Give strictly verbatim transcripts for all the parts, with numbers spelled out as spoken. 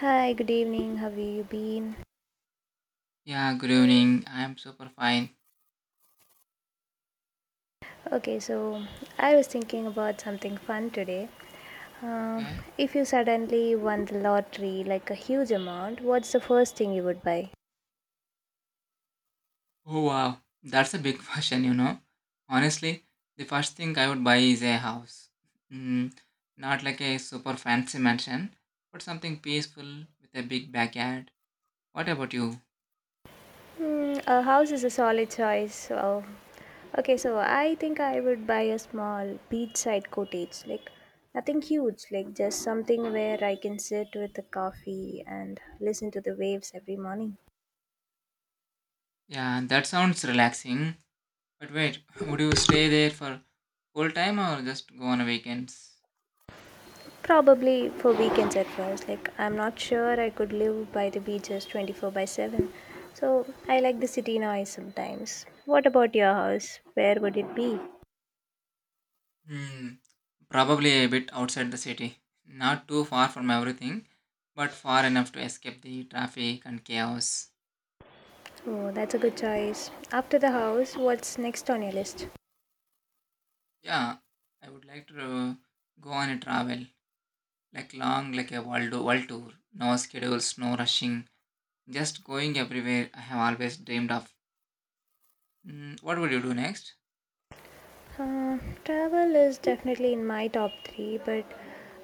Hi, good evening. How have you been? Yeah, good evening. I am super fine. Okay, so I was thinking about something fun today. Um, Okay. if you suddenly won the lottery, like a huge amount, what's the first thing you would buy? Oh wow, that's a big question, you know. Honestly, the first thing I would buy is a house. Mm, not like a super fancy mansion, but something peaceful with a big backyard. What about you? Hmm, a house is a solid choice. So, okay, so I think I would buy a small beachside cottage, like nothing huge, like just something where I can sit with a coffee and listen to the waves every morning. Yeah, that sounds relaxing. But wait, would you stay there for full time or just go on weekends? Probably for weekends at first. Like, I'm not sure I could live by the beaches twenty-four by seven. So, I like the city noise sometimes. What about your house? Where would it be? Hmm, probably a bit outside the city. Not too far from everything, but far enough to escape the traffic and chaos. Oh, that's a good choice. After the house, what's next on your list? Yeah, I would like to uh, go on a travel, like long, like a world, world tour. No schedules, no rushing, just going everywhere. I have always dreamed of. Mm, what would you do next? Uh, Travel is definitely in my top three, but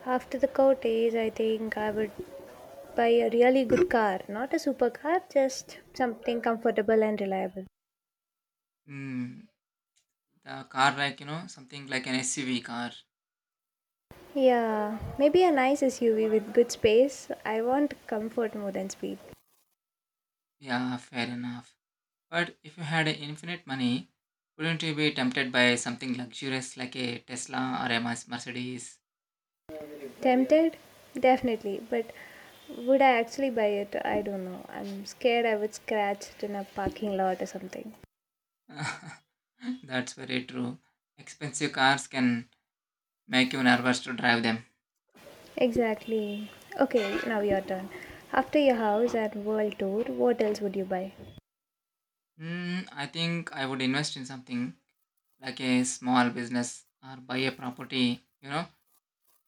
after the cottage, I think I would buy a really good car. Not a supercar, just something comfortable and reliable. Mm, the car, like you know, something like an S U V car. Yeah, maybe a nice S U V with good space. I want comfort more than speed. Yeah, fair enough. But if you had infinite money, wouldn't you be tempted by something luxurious like a Tesla or a Mas- Mercedes? Tempted? Definitely, but would I actually buy it? I don't know. I'm scared I would scratch it in a parking lot or something. That's very true. Expensive cars can make you nervous to drive them. Exactly. Okay, now your turn. After your house and world tour, what else would you buy? Mm, I think I would invest in something like a small business or buy a property, you know,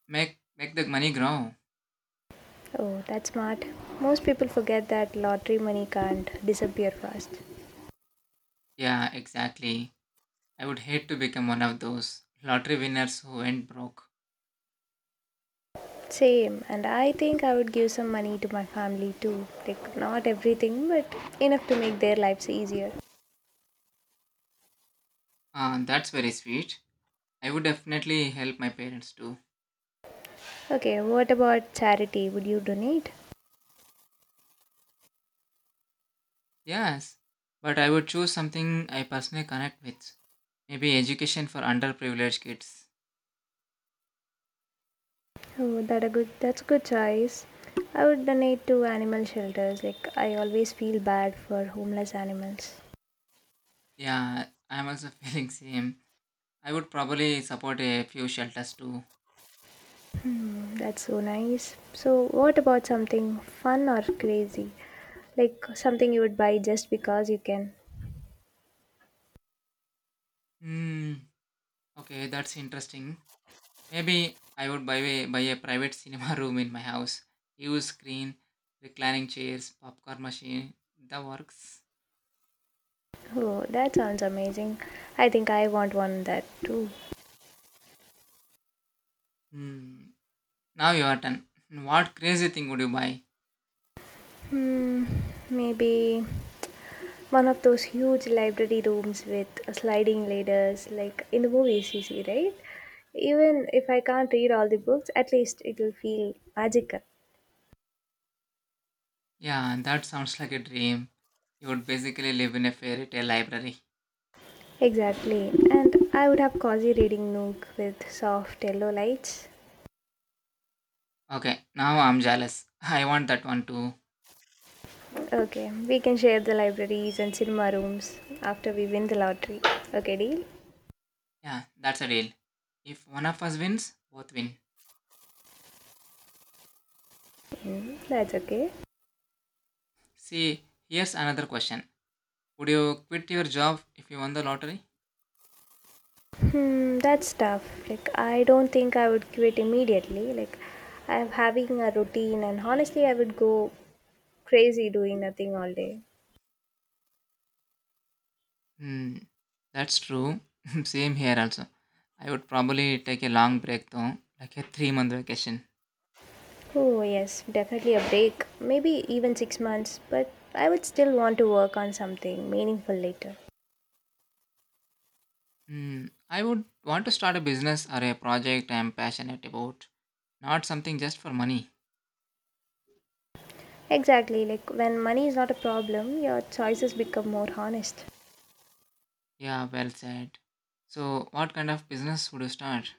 make make the money grow. Oh, that's smart. Most people forget that lottery money can't disappear fast. Yeah, exactly. I would hate to become one of those lottery winners who went broke. Same, and I think I would give some money to my family too. Like, not everything, but enough to make their lives easier. Uh, that's very sweet. I would definitely help my parents too. Okay, what about charity? Would you donate? Yes, but I would choose something I personally connect with. Maybe education for underprivileged kids. Oh, that a good. That's a good choice. I would donate to animal shelters. Like, I always feel bad for homeless animals. Yeah, I'm also feeling same. I would probably support a few shelters too. That's so nice. So, what about something fun or crazy? Like something you would buy just because you can. Hmm. Okay, that's interesting. Maybe I would buy a buy a private cinema room in my house. Huge screen, reclining chairs, popcorn machine, the works. Oh, that sounds amazing. I think I want one that too. Hmm. Now your turn. What crazy thing would you buy? Hmm, maybe one of those huge library rooms with sliding ladders, like in the movies you see, right? Even if I can't read all the books, at least it will feel magical. Yeah, that sounds like a dream. You would basically live in a fairy tale library. Exactly. And I would have cozy reading nook with soft yellow lights. Okay, now I'm jealous. I want that one too. Okay, we can share the libraries and cinema rooms after we win the lottery. Okay, deal? Yeah, that's a deal. If one of us wins, both win. Mm, that's okay. See, here's another question. Would you quit your job if you won the lottery? Hmm, that's tough. Like, I don't think I would quit immediately. Like, I'm having a routine, and honestly, I would go crazy doing nothing all day. Hmm. That's true. Same here also. I would probably take a long break though, like a three month vacation. Oh, yes, definitely a break. Maybe even six months, but I would still want to work on something meaningful later. Hmm. I would want to start a business or a project I'm passionate about, not something just for money. Exactly, like when money is not a problem, your choices become more honest. Yeah, well said. So, what kind of business would you start?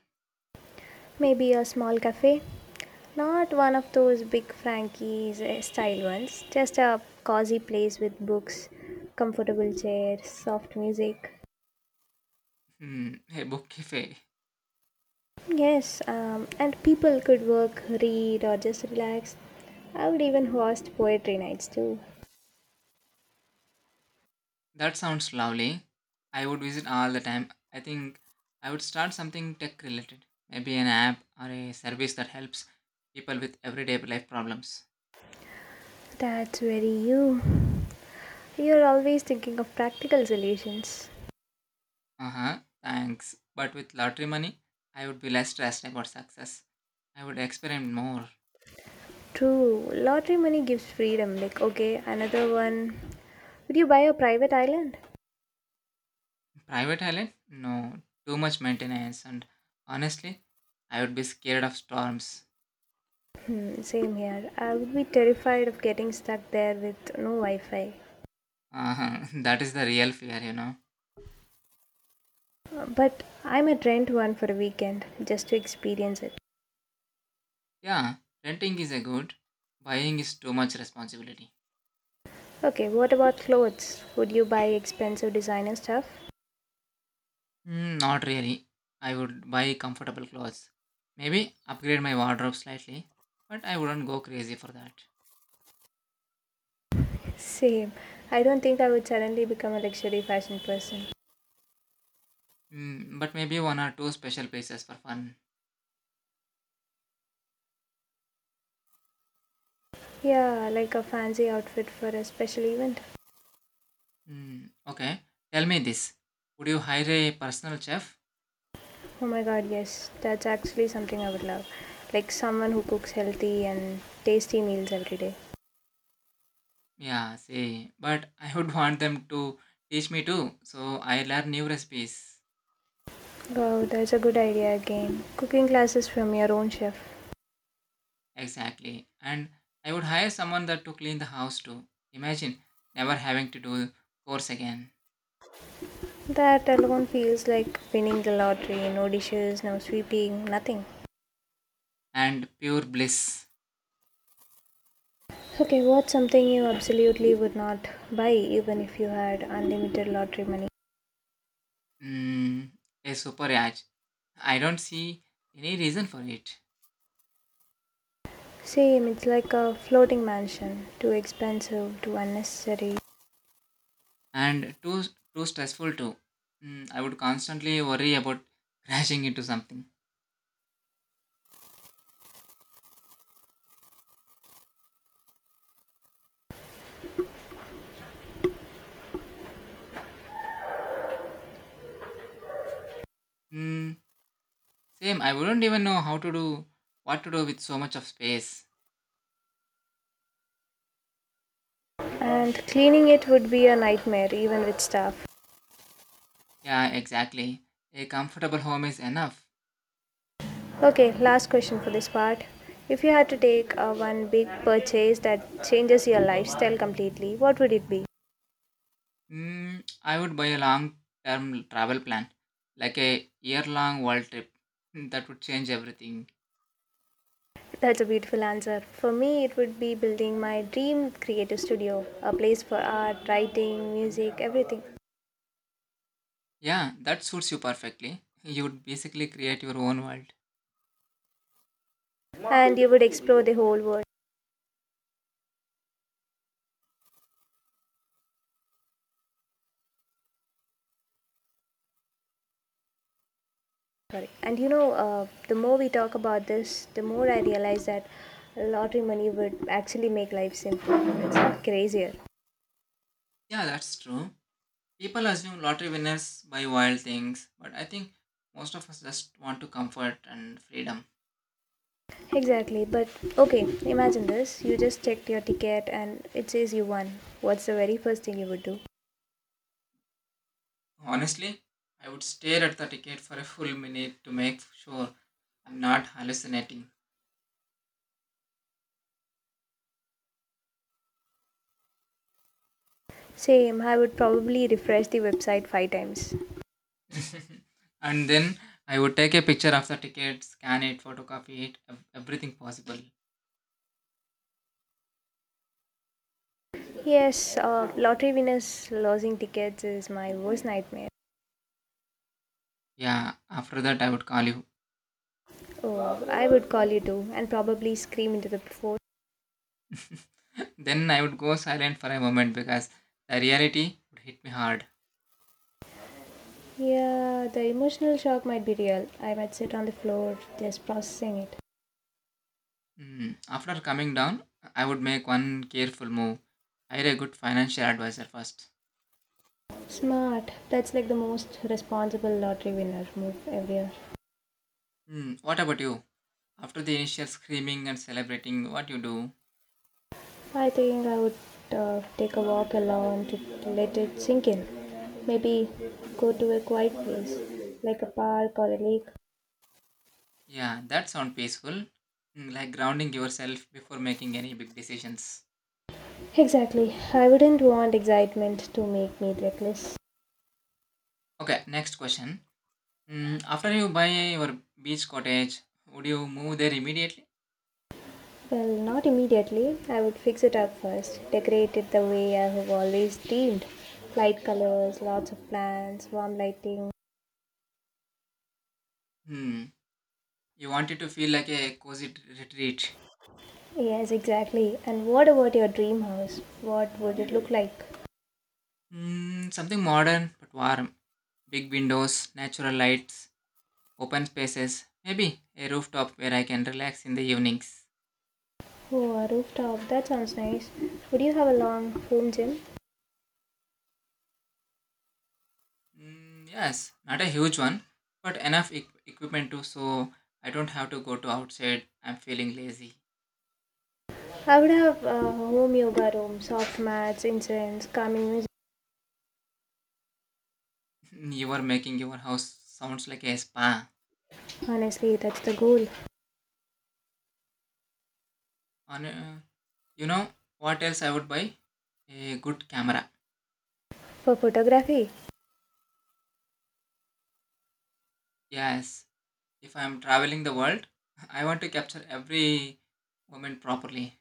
Maybe a small cafe. Not one of those big Frankie's eh, style ones. Just a cozy place with books, comfortable chairs, soft music. Hmm, a book cafe. Yes, um, and people could work, read, or just relax. I would even host poetry nights too. That sounds lovely. I would visit all the time. I think I would start something tech related, maybe an app or a service that helps people with everyday life problems. That's very you. You're always thinking of practical solutions. Uh-huh, thanks. But with lottery money, I would be less stressed about success. I would experiment more. True, lottery money gives freedom. Like, okay, another one. Would you buy a private island? Private island? No, too much maintenance. And honestly, I would be scared of storms. Hmm, same here. I would be terrified of getting stuck there with no Wi Fi. Uh-huh. that is the real fear, you know. But I might rent one for a weekend just to experience it. Yeah, renting is a good. Buying is too much responsibility. Okay, what about clothes? Would you buy expensive designer stuff? Hmm, not really. I would buy comfortable clothes. Maybe upgrade my wardrobe slightly. But I wouldn't go crazy for that. Same. I don't think I would suddenly become a luxury fashion person. Hmm, but maybe one or two special places for fun. Yeah, like a fancy outfit for a special event. Hmm, okay. Tell me this. Would you hire a personal chef? Oh my god, yes. That's actually something I would love. Like someone who cooks healthy and tasty meals every day. Yeah, see. But I would want them to teach me too. So I learn new recipes. Wow, that's a good idea again. Cooking classes from your own chef. Exactly. And I would hire someone that to clean the house too. Imagine never having to do course again. That alone feels like winning the lottery. No dishes, no sweeping, nothing. And pure bliss. Okay, what's something you absolutely would not buy even if you had unlimited lottery money? Mm, a super yacht. I don't see any reason for it. Same, it's like a floating mansion. Too expensive, too unnecessary. And too too stressful too. Mm, I would constantly worry about crashing into something. Hmm, same, I wouldn't even know how to do what to do with so much of space. And cleaning it would be a nightmare, even with staff. Yeah, exactly. A comfortable home is enough. Okay, last question for this part. If you had to take uh, one big purchase that changes your lifestyle completely, what would it be? Mm, I would buy a long term travel plan, like a year long world trip. That would change everything. That's a beautiful answer. For me, it would be building my dream creative studio, a place for art, writing, music, everything. Yeah, that suits you perfectly. You would basically create your own world. And you would explore the whole world. Sorry. And you know, uh, the more we talk about this, the more I realize that lottery money would actually make life simpler, it's not crazier. Yeah, that's true. People assume lottery winners buy wild things, but I think most of us just want to comfort and freedom. Exactly. But okay, imagine this. You just checked your ticket and it says you won. What's the very first thing you would do? Honestly, I would stare at the ticket for a full minute to make sure I'm not hallucinating. Same, I would probably refresh the website five times. And then I would take a picture of the ticket, scan it, photocopy it, ev- everything possible. Yes, uh, lottery winners losing tickets is my worst nightmare. Yeah, after that I would call you. Oh, I would call you too and probably scream into the phone. Then I would go silent for a moment because the reality would hit me hard. Yeah, the emotional shock might be real. I might sit on the floor just processing it. Hmm. After coming down, I would make one careful move. Hire a good financial advisor first. Smart. That's like the most responsible lottery winner move ever. Hmm. What about you? After the initial screaming and celebrating, what you do? I think I would uh, take a walk alone to let it sink in. Maybe go to a quiet place, like a park or a lake. Yeah, that sounds peaceful. Mm, like grounding yourself before making any big decisions. Exactly. I wouldn't want excitement to make me reckless. Okay, next question. Mm, after you buy your beach cottage, would you move there immediately? Well, not immediately. I would fix it up first, decorate it the way I have always dreamed. Light colors, lots of plants, warm lighting. Hmm. You want it to feel like a cozy t- retreat. Yes, exactly. And what about your dream house? What would it look like? Hmm. Something modern but warm. Big windows, natural lights, open spaces. Maybe a rooftop where I can relax in the evenings. Oh, a rooftop. That sounds nice. Would you have a long home gym? Hmm. Yes, not a huge one, but enough equ- equipment too, so I don't have to go to outside. I'm feeling lazy. I would have a home yoga room, soft mats, incense, calming music. You are making your house sounds like a spa. Honestly, that's the goal On, uh, You know what else I would buy? A good camera. for photography. Yes, if I'm traveling the world, I want to capture every moment properly.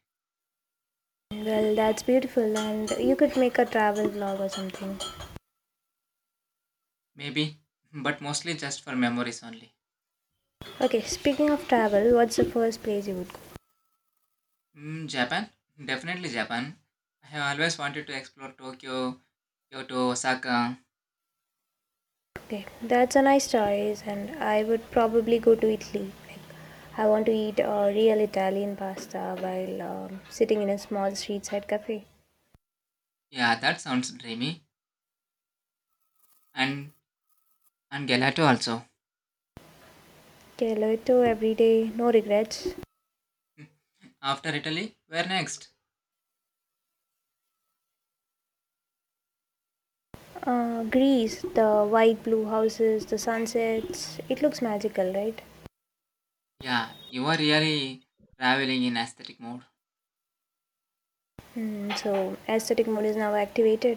Well, that's beautiful, and you could make a travel vlog or something. Maybe, but mostly just for memories only. Okay, speaking of travel, what's the first place you would go? Mm, Japan? Definitely Japan. I have always wanted to explore Tokyo, Kyoto, Osaka. Okay, that's a nice choice, and I would probably go to Italy. Like, I want to eat uh, real Italian pasta while um, sitting in a small street side cafe. Yeah, that sounds dreamy. And and gelato also. Caloito every day, no regrets. After Italy, where next? Uh, Greece, the white blue houses, the sunsets, it looks magical, right? Yeah, you are really traveling in aesthetic mode. Mm, so, aesthetic mode is now activated.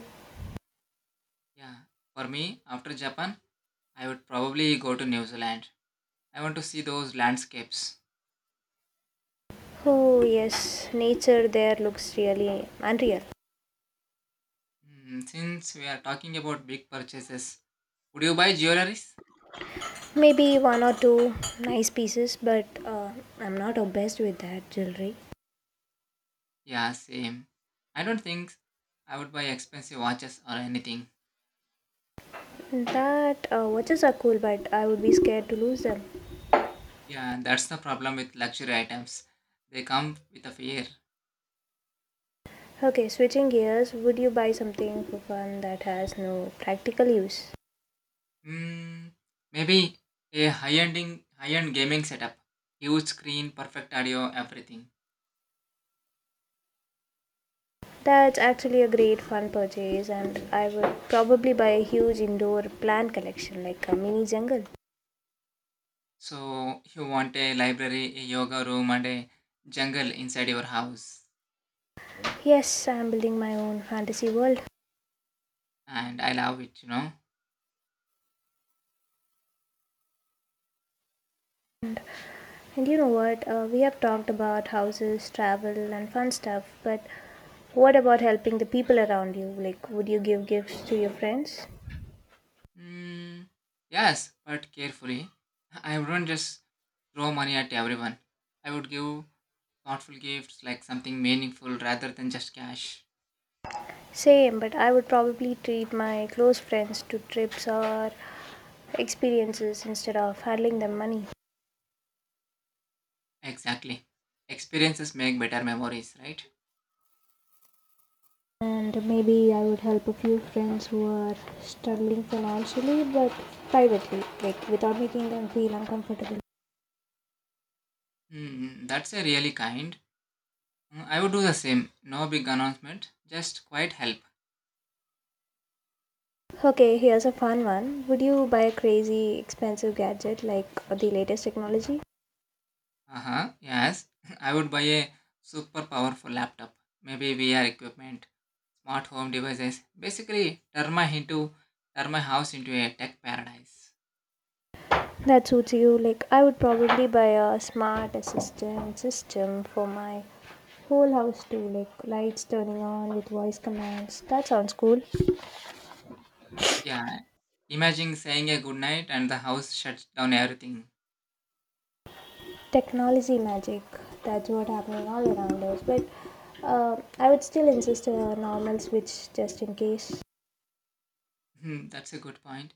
Yeah, for me, after Japan, I would probably go to New Zealand. I want to see those landscapes. Oh, yes, nature there looks really unreal. Mm, since we are talking about big purchases, would you buy jewelries? Maybe one or two nice pieces but uh, I'm not obsessed with that jewelry. Yeah, same. I don't think I would buy expensive watches or anything. That uh, watches are cool but I would be scared to lose them. Yeah, that's the problem with luxury items. They come with a fear. Okay, switching gears, would you buy something for fun that has no practical use? Hmm, maybe a high-ending, high-end gaming setup, huge screen, perfect audio, everything. That's actually a great fun purchase and I would probably buy a huge indoor plant collection like a mini jungle. So you want a library, a yoga room, and a jungle inside your house. Yes, I'm building my own fantasy world. And I love it, you know. And you know what? Uh, we have talked about houses, travel, and fun stuff, but what about helping the people around you? Like, would you give gifts to your friends? Mm, yes, but carefully. I wouldn't just throw money at everyone. I would give thoughtful gifts like something meaningful rather than just cash. Same, but I would probably treat my close friends to trips or experiences instead of handling them money. Exactly. Experiences make better memories, right? And maybe I would help a few friends who are struggling financially, but privately, like without making them feel uncomfortable. Hmm, that's a really kind. Mm, I would do the same. No big announcement, just quiet help. Okay, here's a fun one. Would you buy a crazy expensive gadget like the latest technology? Uh-huh. Yes. I would buy a super powerful laptop. Maybe V R equipment, smart home devices. Basically turn my into turn my house into a tech paradise. That suits you. Like, I would probably buy a smart assistant system for my whole house too. Like, lights turning on with voice commands. That sounds cool. Yeah. Imagine saying a good night and the house shuts down everything. Technology magic. That's what happening all around us. But uh, I would still insist a normal switch just in case. Hmm, that's a good point.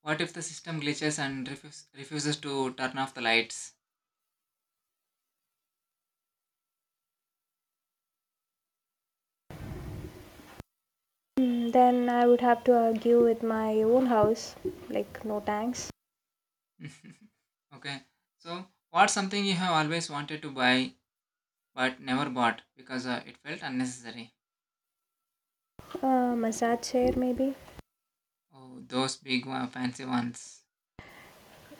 What if the system glitches and refuse, refuses to turn off the lights? Hmm, then I would have to argue with my own house. Like, no thanks. Okay. So what's something you have always wanted to buy but never bought because uh, it felt unnecessary? A massage chair, maybe? Oh, those big uh, fancy ones.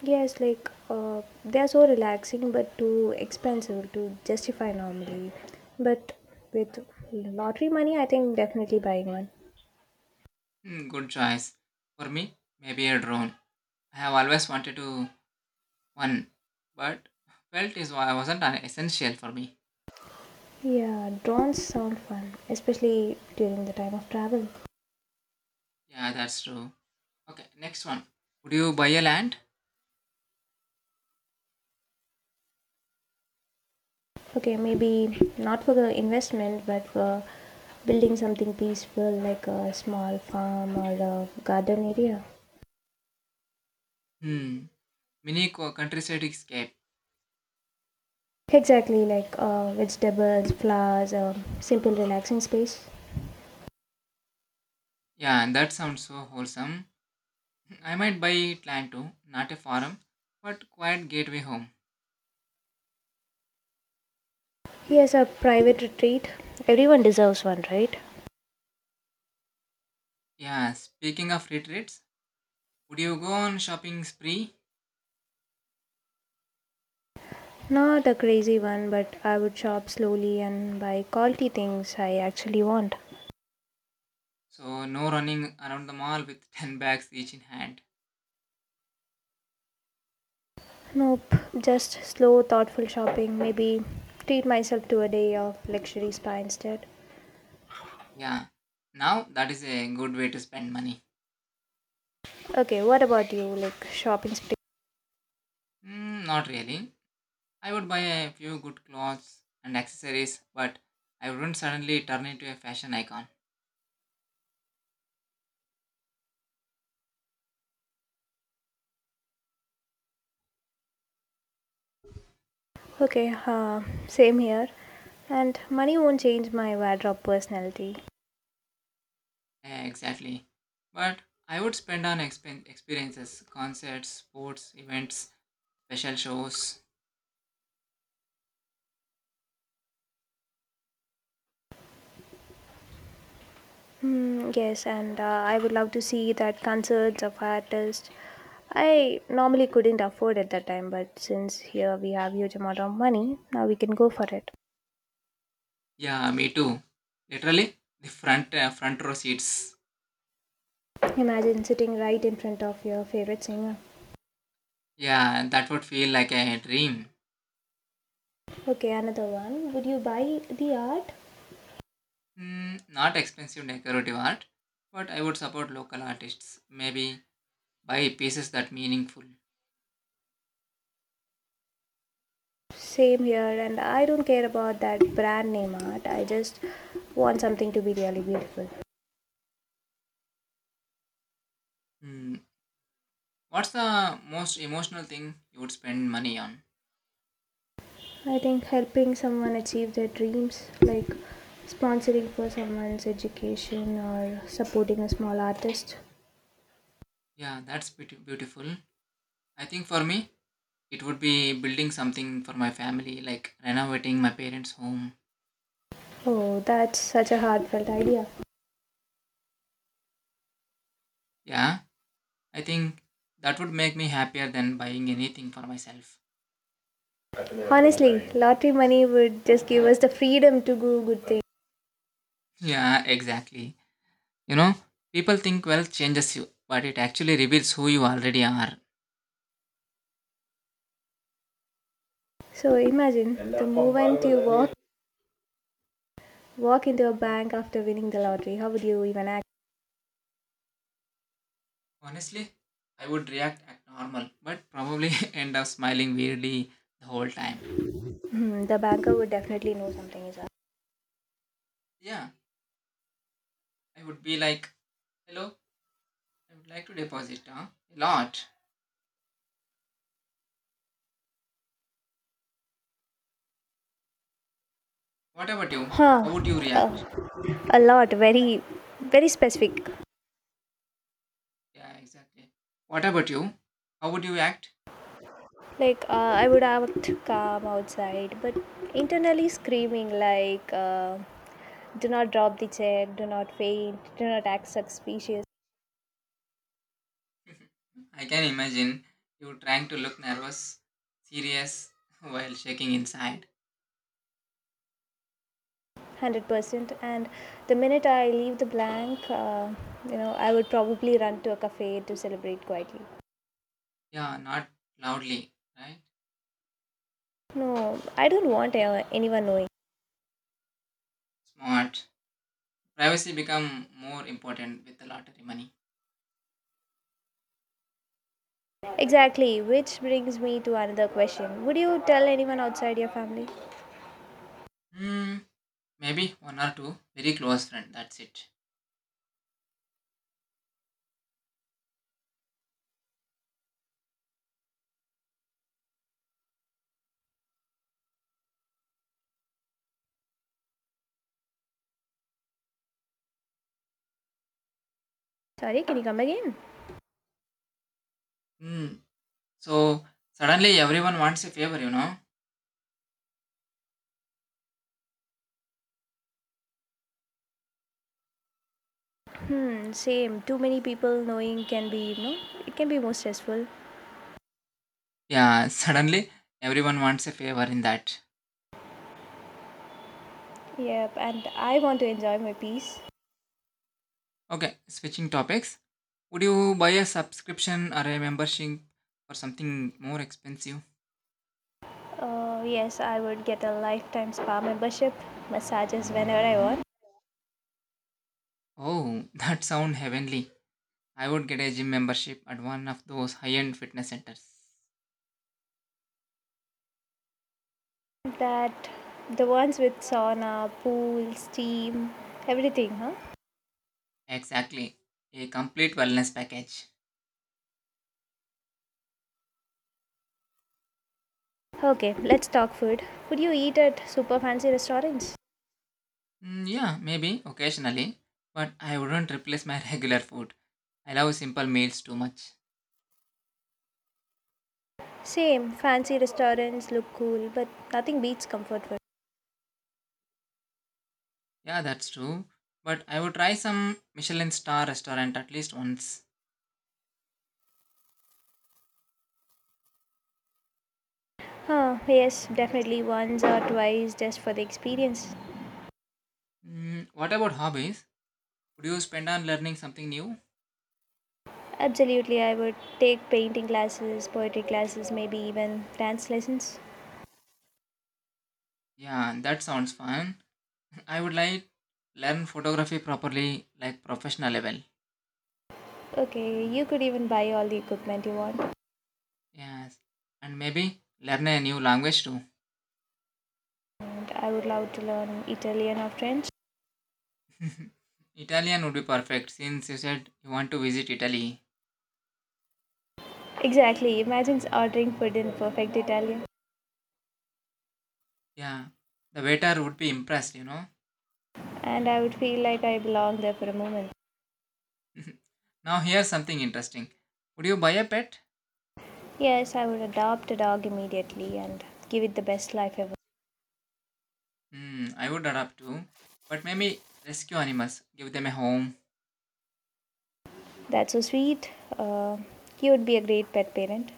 Yes, like uh, they are so relaxing but too expensive to justify normally. But with lottery money, I think definitely buying one. Hmm, good choice. For me, maybe a drone. I have always wanted to one, but felt is why wasn't an essential for me. Yeah, drones sound fun, especially during the time of travel. Yeah, that's true. Okay, next one. Would you buy a land? Okay, maybe not for the investment but for building something peaceful like a small farm or a garden area. Hmm, mini co- countryside escape. Exactly, like uh, vegetables, flowers, a simple relaxing space. Yeah, that sounds so wholesome. I might buy land too, not a farm, but quiet gateway home. Yes, a private retreat. Everyone deserves one, right? Yeah, speaking of retreats, would you go on shopping spree? Not a crazy one, but I would shop slowly and buy quality things I actually want. So no running around the mall with ten bags each in hand. Nope, just slow, thoughtful shopping. Maybe treat myself to a day of luxury spa instead. Yeah, now that is a good way to spend money. Okay, what about you? Like shopping spree? Mm, not really. I would buy a few good clothes and accessories, but I wouldn't suddenly turn into a fashion icon. Okay, uh, same here. And money won't change my wardrobe personality. Eh, exactly. But I would spend on expen- experiences, concerts, sports, events, special shows. Hmm, yes, and uh, I would love to see that concerts of artists I normally couldn't afford at that time, but since here we have huge amount of money, now we can go for it. Yeah, me too. Literally, the front uh, front row seats. Imagine sitting right in front of your favorite singer. Yeah, that would feel like a dream. Okay, another one. Would you buy the art? Mm, not expensive decorative art, but I would support local artists. Maybe buy pieces that meaningful. Same here, and I don't care about that brand name art. I just want something to be really beautiful. Hmm. What's the most emotional thing you would spend money on? I think helping someone achieve their dreams, like sponsoring for someone's education or supporting a small artist. Yeah, that's beauti- beautiful. I think for me, it would be building something for my family, like renovating my parents' home. Oh, that's such a heartfelt idea. Yeah, I think that would make me happier than buying anything for myself. Honestly, lottery money would just give us the freedom to do good things. Yeah, exactly. You know, people think wealth changes you, but it actually reveals who you already are. So imagine the moment you walk Walk into a bank after winning the lottery. How would you even act? Honestly, I would react at normal, but probably end up smiling weirdly the whole time. Hmm, the banker would definitely know something is up. Yeah, I would be like, hello, I would like to deposit huh? A lot. What about you? Huh. How would you react? Uh, a lot. Very, very specific. Yeah, exactly. What about you? How would you act? Like, uh, I would act calm outside, but internally screaming, like, uh, do not drop the check, do not faint, do not act suspicious. I can imagine you trying to look nervous, serious, while shaking inside. one hundred percent and the minute I leave the blank, uh, you know I would probably run to a cafe to celebrate quietly. Yeah, not loudly, right? No, I don't want uh, anyone knowing. Smart. Privacy become more important with the lottery money. Exactly, which brings me to another question. Would you tell anyone outside your family? Hmm, maybe one or two very close friend. That's it. Sorry, can you come again? Hmm. So suddenly everyone wants a favor, you know Hmm, same. Too many people knowing can be, you know, it can be more stressful. Yeah, suddenly everyone wants a favor in that. Yep, and I want to enjoy my peace. Okay, switching topics. Would you buy a subscription or a membership for something more expensive? Uh, yes, I would get a lifetime spa membership, massages whenever I want. Oh, that sound heavenly. I would get a gym membership at one of those high-end fitness centers. That the ones with sauna, pool, steam, everything, huh? Exactly. A complete wellness package. Okay, let's talk food. Would you eat at super fancy restaurants? Mm, yeah, maybe occasionally, but I wouldn't replace my regular food. I love simple meals too much. Same, fancy restaurants look cool, but nothing beats comfort food. Yeah, that's true. But I would try some Michelin star restaurant at least once. Huh, yes, definitely once or twice just for the experience. Mm, what about hobbies? Would you spend on learning something new? Absolutely, I would take painting classes, poetry classes, maybe even dance lessons. Yeah, that sounds fun. I would like learn photography properly, like professional level. Okay, you could even buy all the equipment you want. Yes, and maybe learn a new language too. And I would love to learn Italian or French. Italian would be perfect since you said you want to visit Italy. Exactly, imagine ordering food in perfect Italian. Yeah, the waiter would be impressed, you know. And I would feel like I belong there for a moment. Now here's something interesting. Would you buy a pet? Yes, I would adopt a dog immediately and give it the best life ever. Hmm, I would adopt too, but maybe rescue animals, give them a home. That's so sweet. Uh, he would be a great pet parent.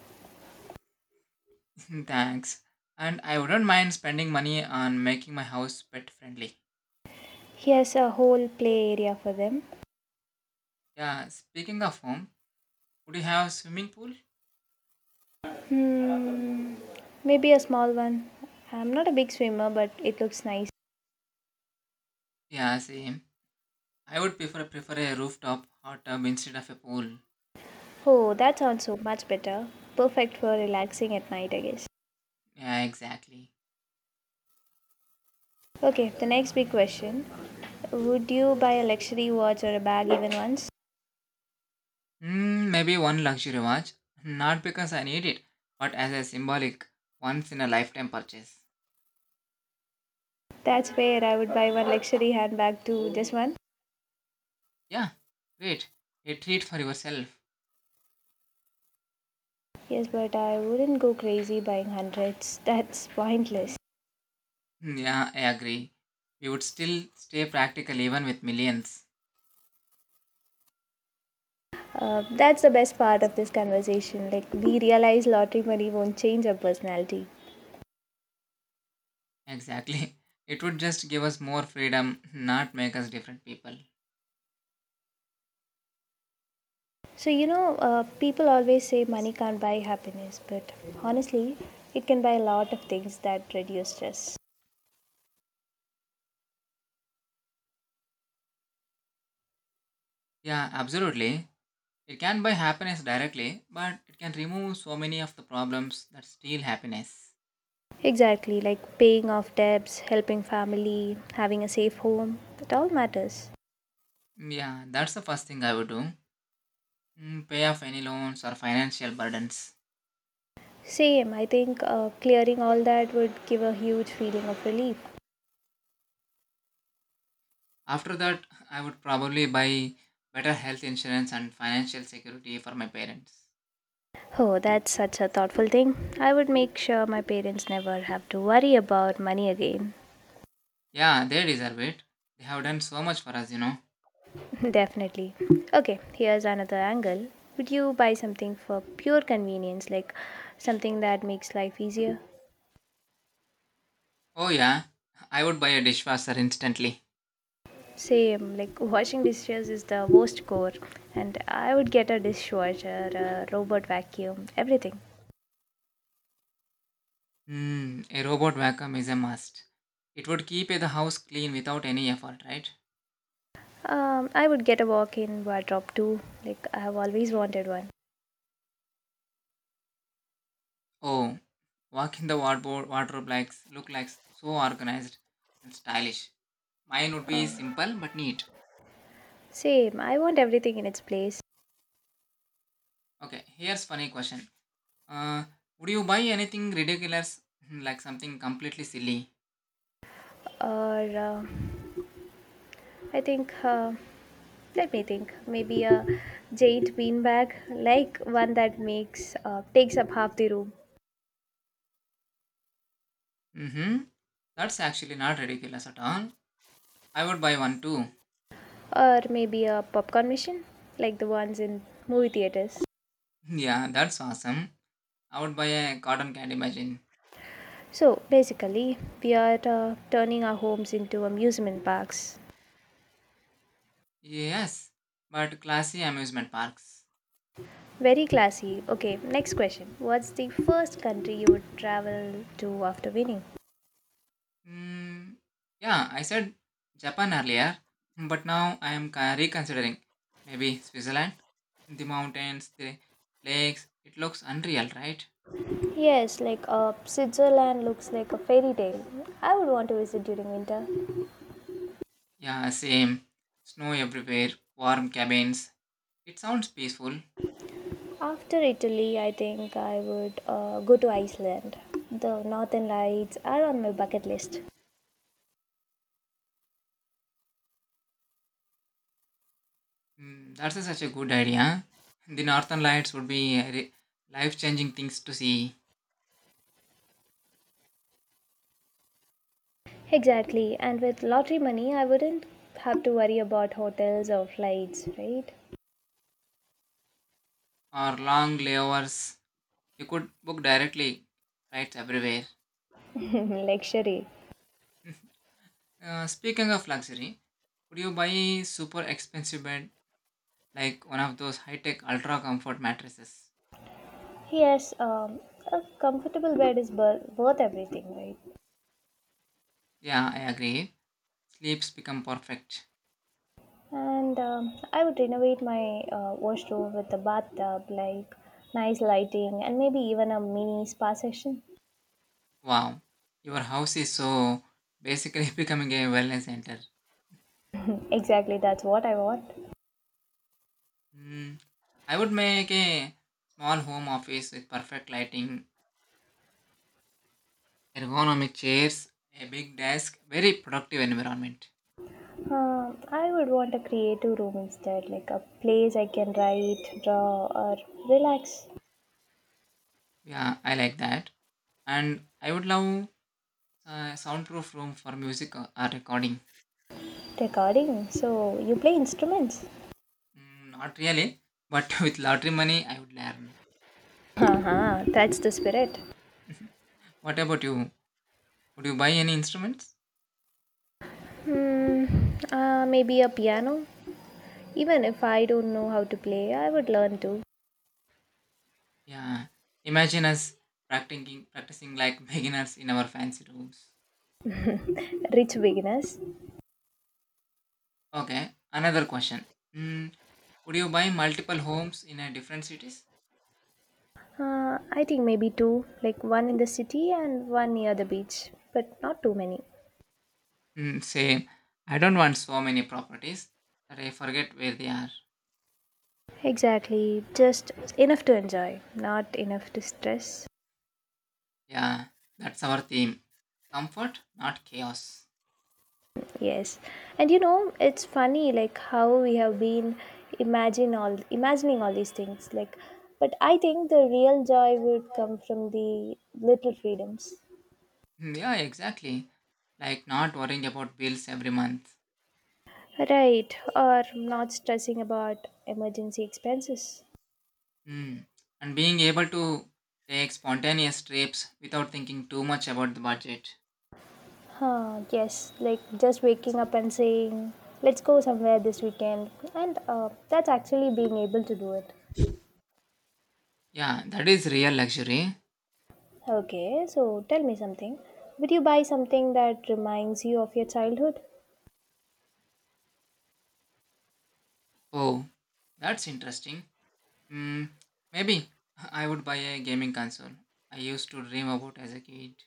Thanks. And I wouldn't mind spending money on making my house pet friendly. He has a whole play area for them. Yeah, speaking of home, would you have a swimming pool? Hmm, maybe a small one. I'm not a big swimmer, but it looks nice. Yeah, same. I would prefer prefer a rooftop hot tub instead of a pool. Oh, that sounds so much better. Perfect for relaxing at night, I guess. Yeah, exactly. Okay, the next big question. Would you buy a luxury watch or a bag even once? Hmm, maybe one luxury watch. Not because I need it, but as a symbolic once in a lifetime purchase. That's where I would buy one luxury handbag too, just one. Yeah, great. A treat for yourself. Yes, but I wouldn't go crazy buying hundreds. That's pointless. Hmm, yeah, I agree. We would still stay practical even with millions. Uh, that's the best part of this conversation. Like, we realize lottery money won't change our personality. Exactly. It would just give us more freedom, not make us different people. So, you know, uh, people always say money can't buy happiness, but honestly, it can buy a lot of things that reduce stress. Yeah, absolutely. It can buy happiness directly, but it can remove so many of the problems that steal happiness. Exactly, like paying off debts, helping family, having a safe home. It all matters. Yeah, that's the first thing I would do. Mm, pay off any loans or financial burdens. Same, I think uh, clearing all that would give a huge feeling of relief. After that, I would probably buy better health insurance and financial security for my parents. Oh, that's such a thoughtful thing. I would make sure my parents never have to worry about money again. Yeah, they deserve it. They have done so much for us, you know. Definitely. Okay, here's another angle. Would you buy something for pure convenience, like something that makes life easier? Oh, yeah, I would buy a dishwasher instantly. Same, like washing dishes is the worst core, and I would get a dishwasher, a robot vacuum, everything. Hmm, a robot vacuum is a must. It would keep the house clean without any effort, right? Um, I would get a walk in wardrobe too, like I have always wanted one. Oh, walk in the wardrobe, wardrobe likes look like so organized and stylish. Mine would be simple but neat. Same, I want everything in its place. Okay, here's funny question. Uh, would you buy anything ridiculous, like something completely silly? Or, uh, I think uh, Let me think. Maybe a jade beanbag, like one that makes uh, takes up half the room, Mm-hmm. That's actually not ridiculous at all. I would buy one too. or maybe a popcorn machine, like the ones in movie theaters. Yeah, that's awesome. I would buy a cotton candy machine. So basically, we are uh, turning our homes into amusement parks. Yes, but classy amusement parks. Very classy. Okay, next question. What's the first country you would travel to after winning? Mm, yeah, I said Japan earlier, but now I am ca- reconsidering. Maybe Switzerland, the mountains, the lakes. It looks unreal, right? Yes, like uh, Switzerland looks like a fairy tale. I would want to visit during winter. Yeah, same. Snow everywhere, warm cabins. It sounds peaceful. After Italy, I think I would uh, go to Iceland. The northern lights are on my bucket list. Mm, that's a- such a good idea. The northern lights would be re- life-changing things to see, Exactly, and with lottery money, I wouldn't have to worry about hotels or flights, right? or long layovers. You could book directly flights everywhere. Luxury. Uh, speaking of luxury, would you buy super expensive bed like one of those high-tech ultra comfort mattresses. Yes, um, a comfortable bed is bur- worth everything, right? Yeah, I agree. Sleeps become perfect. And um, I would renovate my uh, washroom with a bathtub, like nice lighting, and maybe even a mini spa session. Wow, your house is so basically becoming a wellness center. Exactly, that's what I want. Hmm. I would make a small home office with perfect lighting, ergonomic chairs, a big desk, very productive environment. Um, I would want a creative room instead, like a place I can write, draw, or relax. Yeah, I like that. And I would love a soundproof room for music or or recording. Recording, so you play instruments. Mm, not really, but with lottery money, I would learn. Haha, that's the spirit. What about you? Would you buy any instruments? Hmm, uh, maybe a piano. Even if I don't know how to play, I would learn to. Yeah. Imagine us practicing practicing like beginners in our fancy rooms. Rich beginners. Okay. Another question. Mm, would you buy multiple homes in a different cities? Uh, I think maybe two, like one in the city and one near the beach, but not too many. Mm, same. I don't want so many properties that I forget where they are. Exactly, just enough to enjoy, not enough to stress. Yeah. That's our theme. Comfort, not chaos. Yes. And you know, it's funny like how we have been imagine all imagining all these things, like, but I think the real joy would come from the little freedoms. Mm, yeah, exactly. Like not worrying about bills every month. Right, or not stressing about emergency expenses. Mm. And being able to take spontaneous trips without thinking too much about the budget. Huh, yes, like just waking up and saying, let's go somewhere this weekend. And uh, that's actually being able to do it. Yeah, that is real luxury. Okay, so tell me something. Would you buy something that reminds you of your childhood? Oh, that's interesting. Hmm, maybe I would buy a gaming console. I used to dream about as a kid.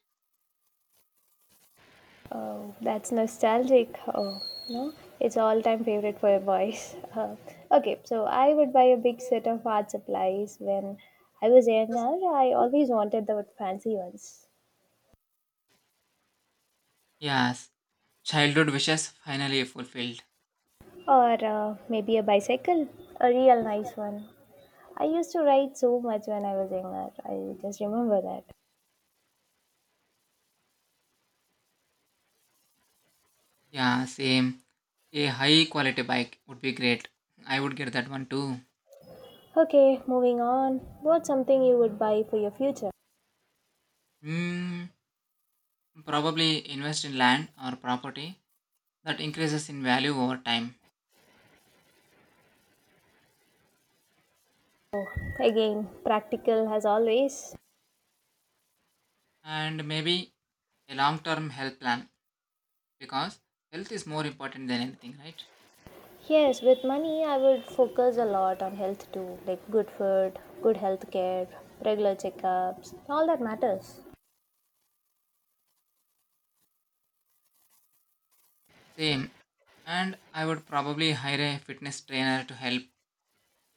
Oh, that's nostalgic. Oh, no, it's all-time favorite for boys. Uh, okay, so I would buy a big set of art supplies when I was younger. I always wanted the fancy ones, Yes, childhood wishes finally fulfilled. or uh, maybe a bicycle, a real nice one. I used to ride so much when I was younger. I just remember that. Yeah, same. A high quality bike would be great. I would get that one too. Okay, moving on. What's something you would buy for your future? Hmm, probably invest in land or property that increases in value over time. Oh, again, practical as always. And maybe a long term health plan because health is more important than anything, right? Yes, with money, I would focus a lot on health too, like good food, good health care, regular checkups, all that matters. Same. And I would probably hire a fitness trainer to help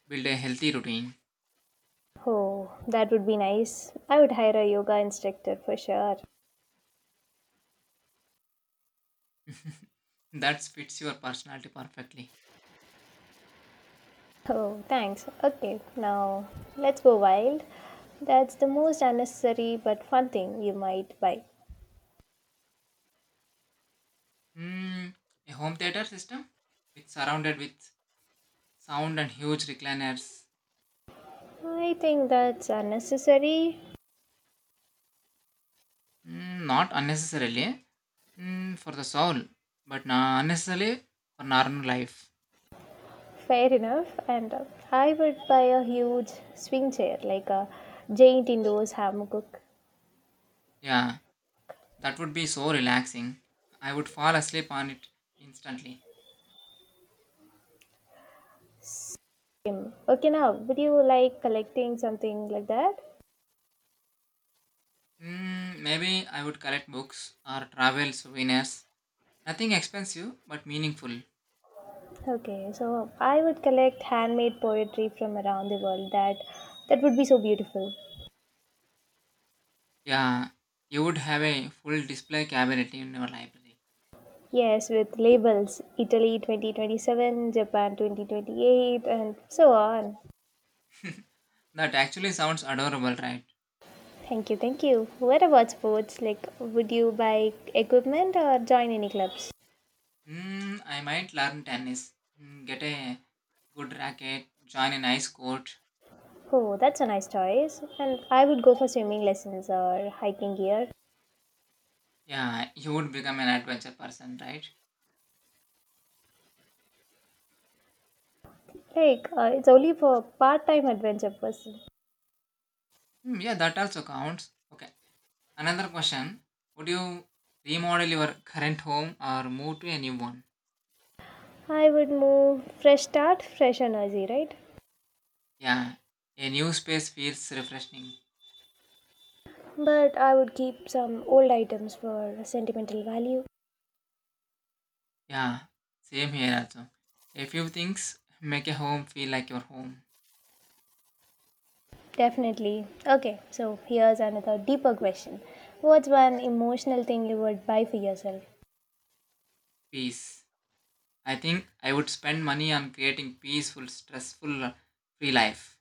build a healthy routine. Oh, that would be nice. I would hire a yoga instructor for sure. That fits your personality perfectly. Oh, thanks. Okay, now let's go wild. That's the most unnecessary but fun thing you might buy. Hmm, a home theater system? It's surrounded with sound and huge recliners. I think that's unnecessary. Hmm, not unnecessarily eh? Hmm, for the soul, but na- unnecessarily for normal life. Fair enough. And uh, I would buy a huge swing chair, like a giant indoors hammock. Yeah, that would be so relaxing. I would fall asleep on it instantly. Mm. Okay, now would you like collecting something like that? Hmm, maybe I would collect books or travel souvenirs. Nothing expensive, but meaningful. Okay, so I would collect handmade poetry from around the world. That that would be so beautiful. Yeah, you would have a full display cabinet in your library. Yes, with labels Italy twenty twenty-seven, Japan twenty twenty-eight, and so on. That actually sounds adorable, right? Thank you, thank you. What about sports? Like, would you buy equipment or join any clubs? Hmm, I might learn tennis. Hmm, get a good racket, join a nice court. Oh, that's a nice choice. And I would go for swimming lessons or hiking gear. Yeah, you would become an adventure person, right? Like, uh, it's only for part time adventure person. Hmm, yeah, that also counts. Okay, another question. Would you remodel your current home or move to a new one? I would move, fresh start, fresh energy, right? Yeah, a new space feels refreshing. But I would keep some old items for sentimental value. Yeah, same here also. A few things make a home feel like your home. Definitely. Okay, so here's another deeper question. What's one emotional thing you would buy for yourself? Peace. I think I would spend money on creating peaceful, stressful, uh, free life.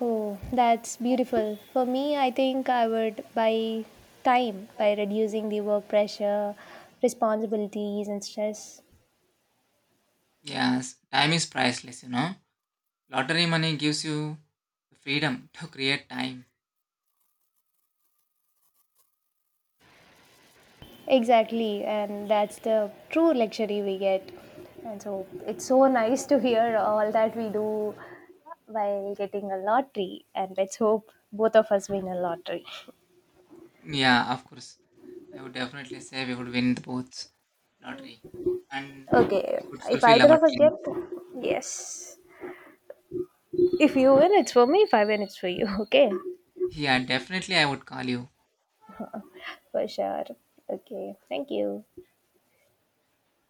Oh, that's beautiful. For me, I think I would buy time by reducing the work pressure, responsibilities, and stress. Yes, time is priceless, you know. Lottery money gives you the freedom to create time. Exactly, and that's the true luxury we get. And so it's so nice to hear all that we do while getting a lottery. And let's hope both of us win a lottery. Yeah, of course. I would definitely say we would win the both lottery and Okay, we would if fulfill either our of us get, dreams. yes. If you win, it's for me. If I win, it's for you. Okay. Yeah, definitely I would call you. For sure. Okay. Thank you.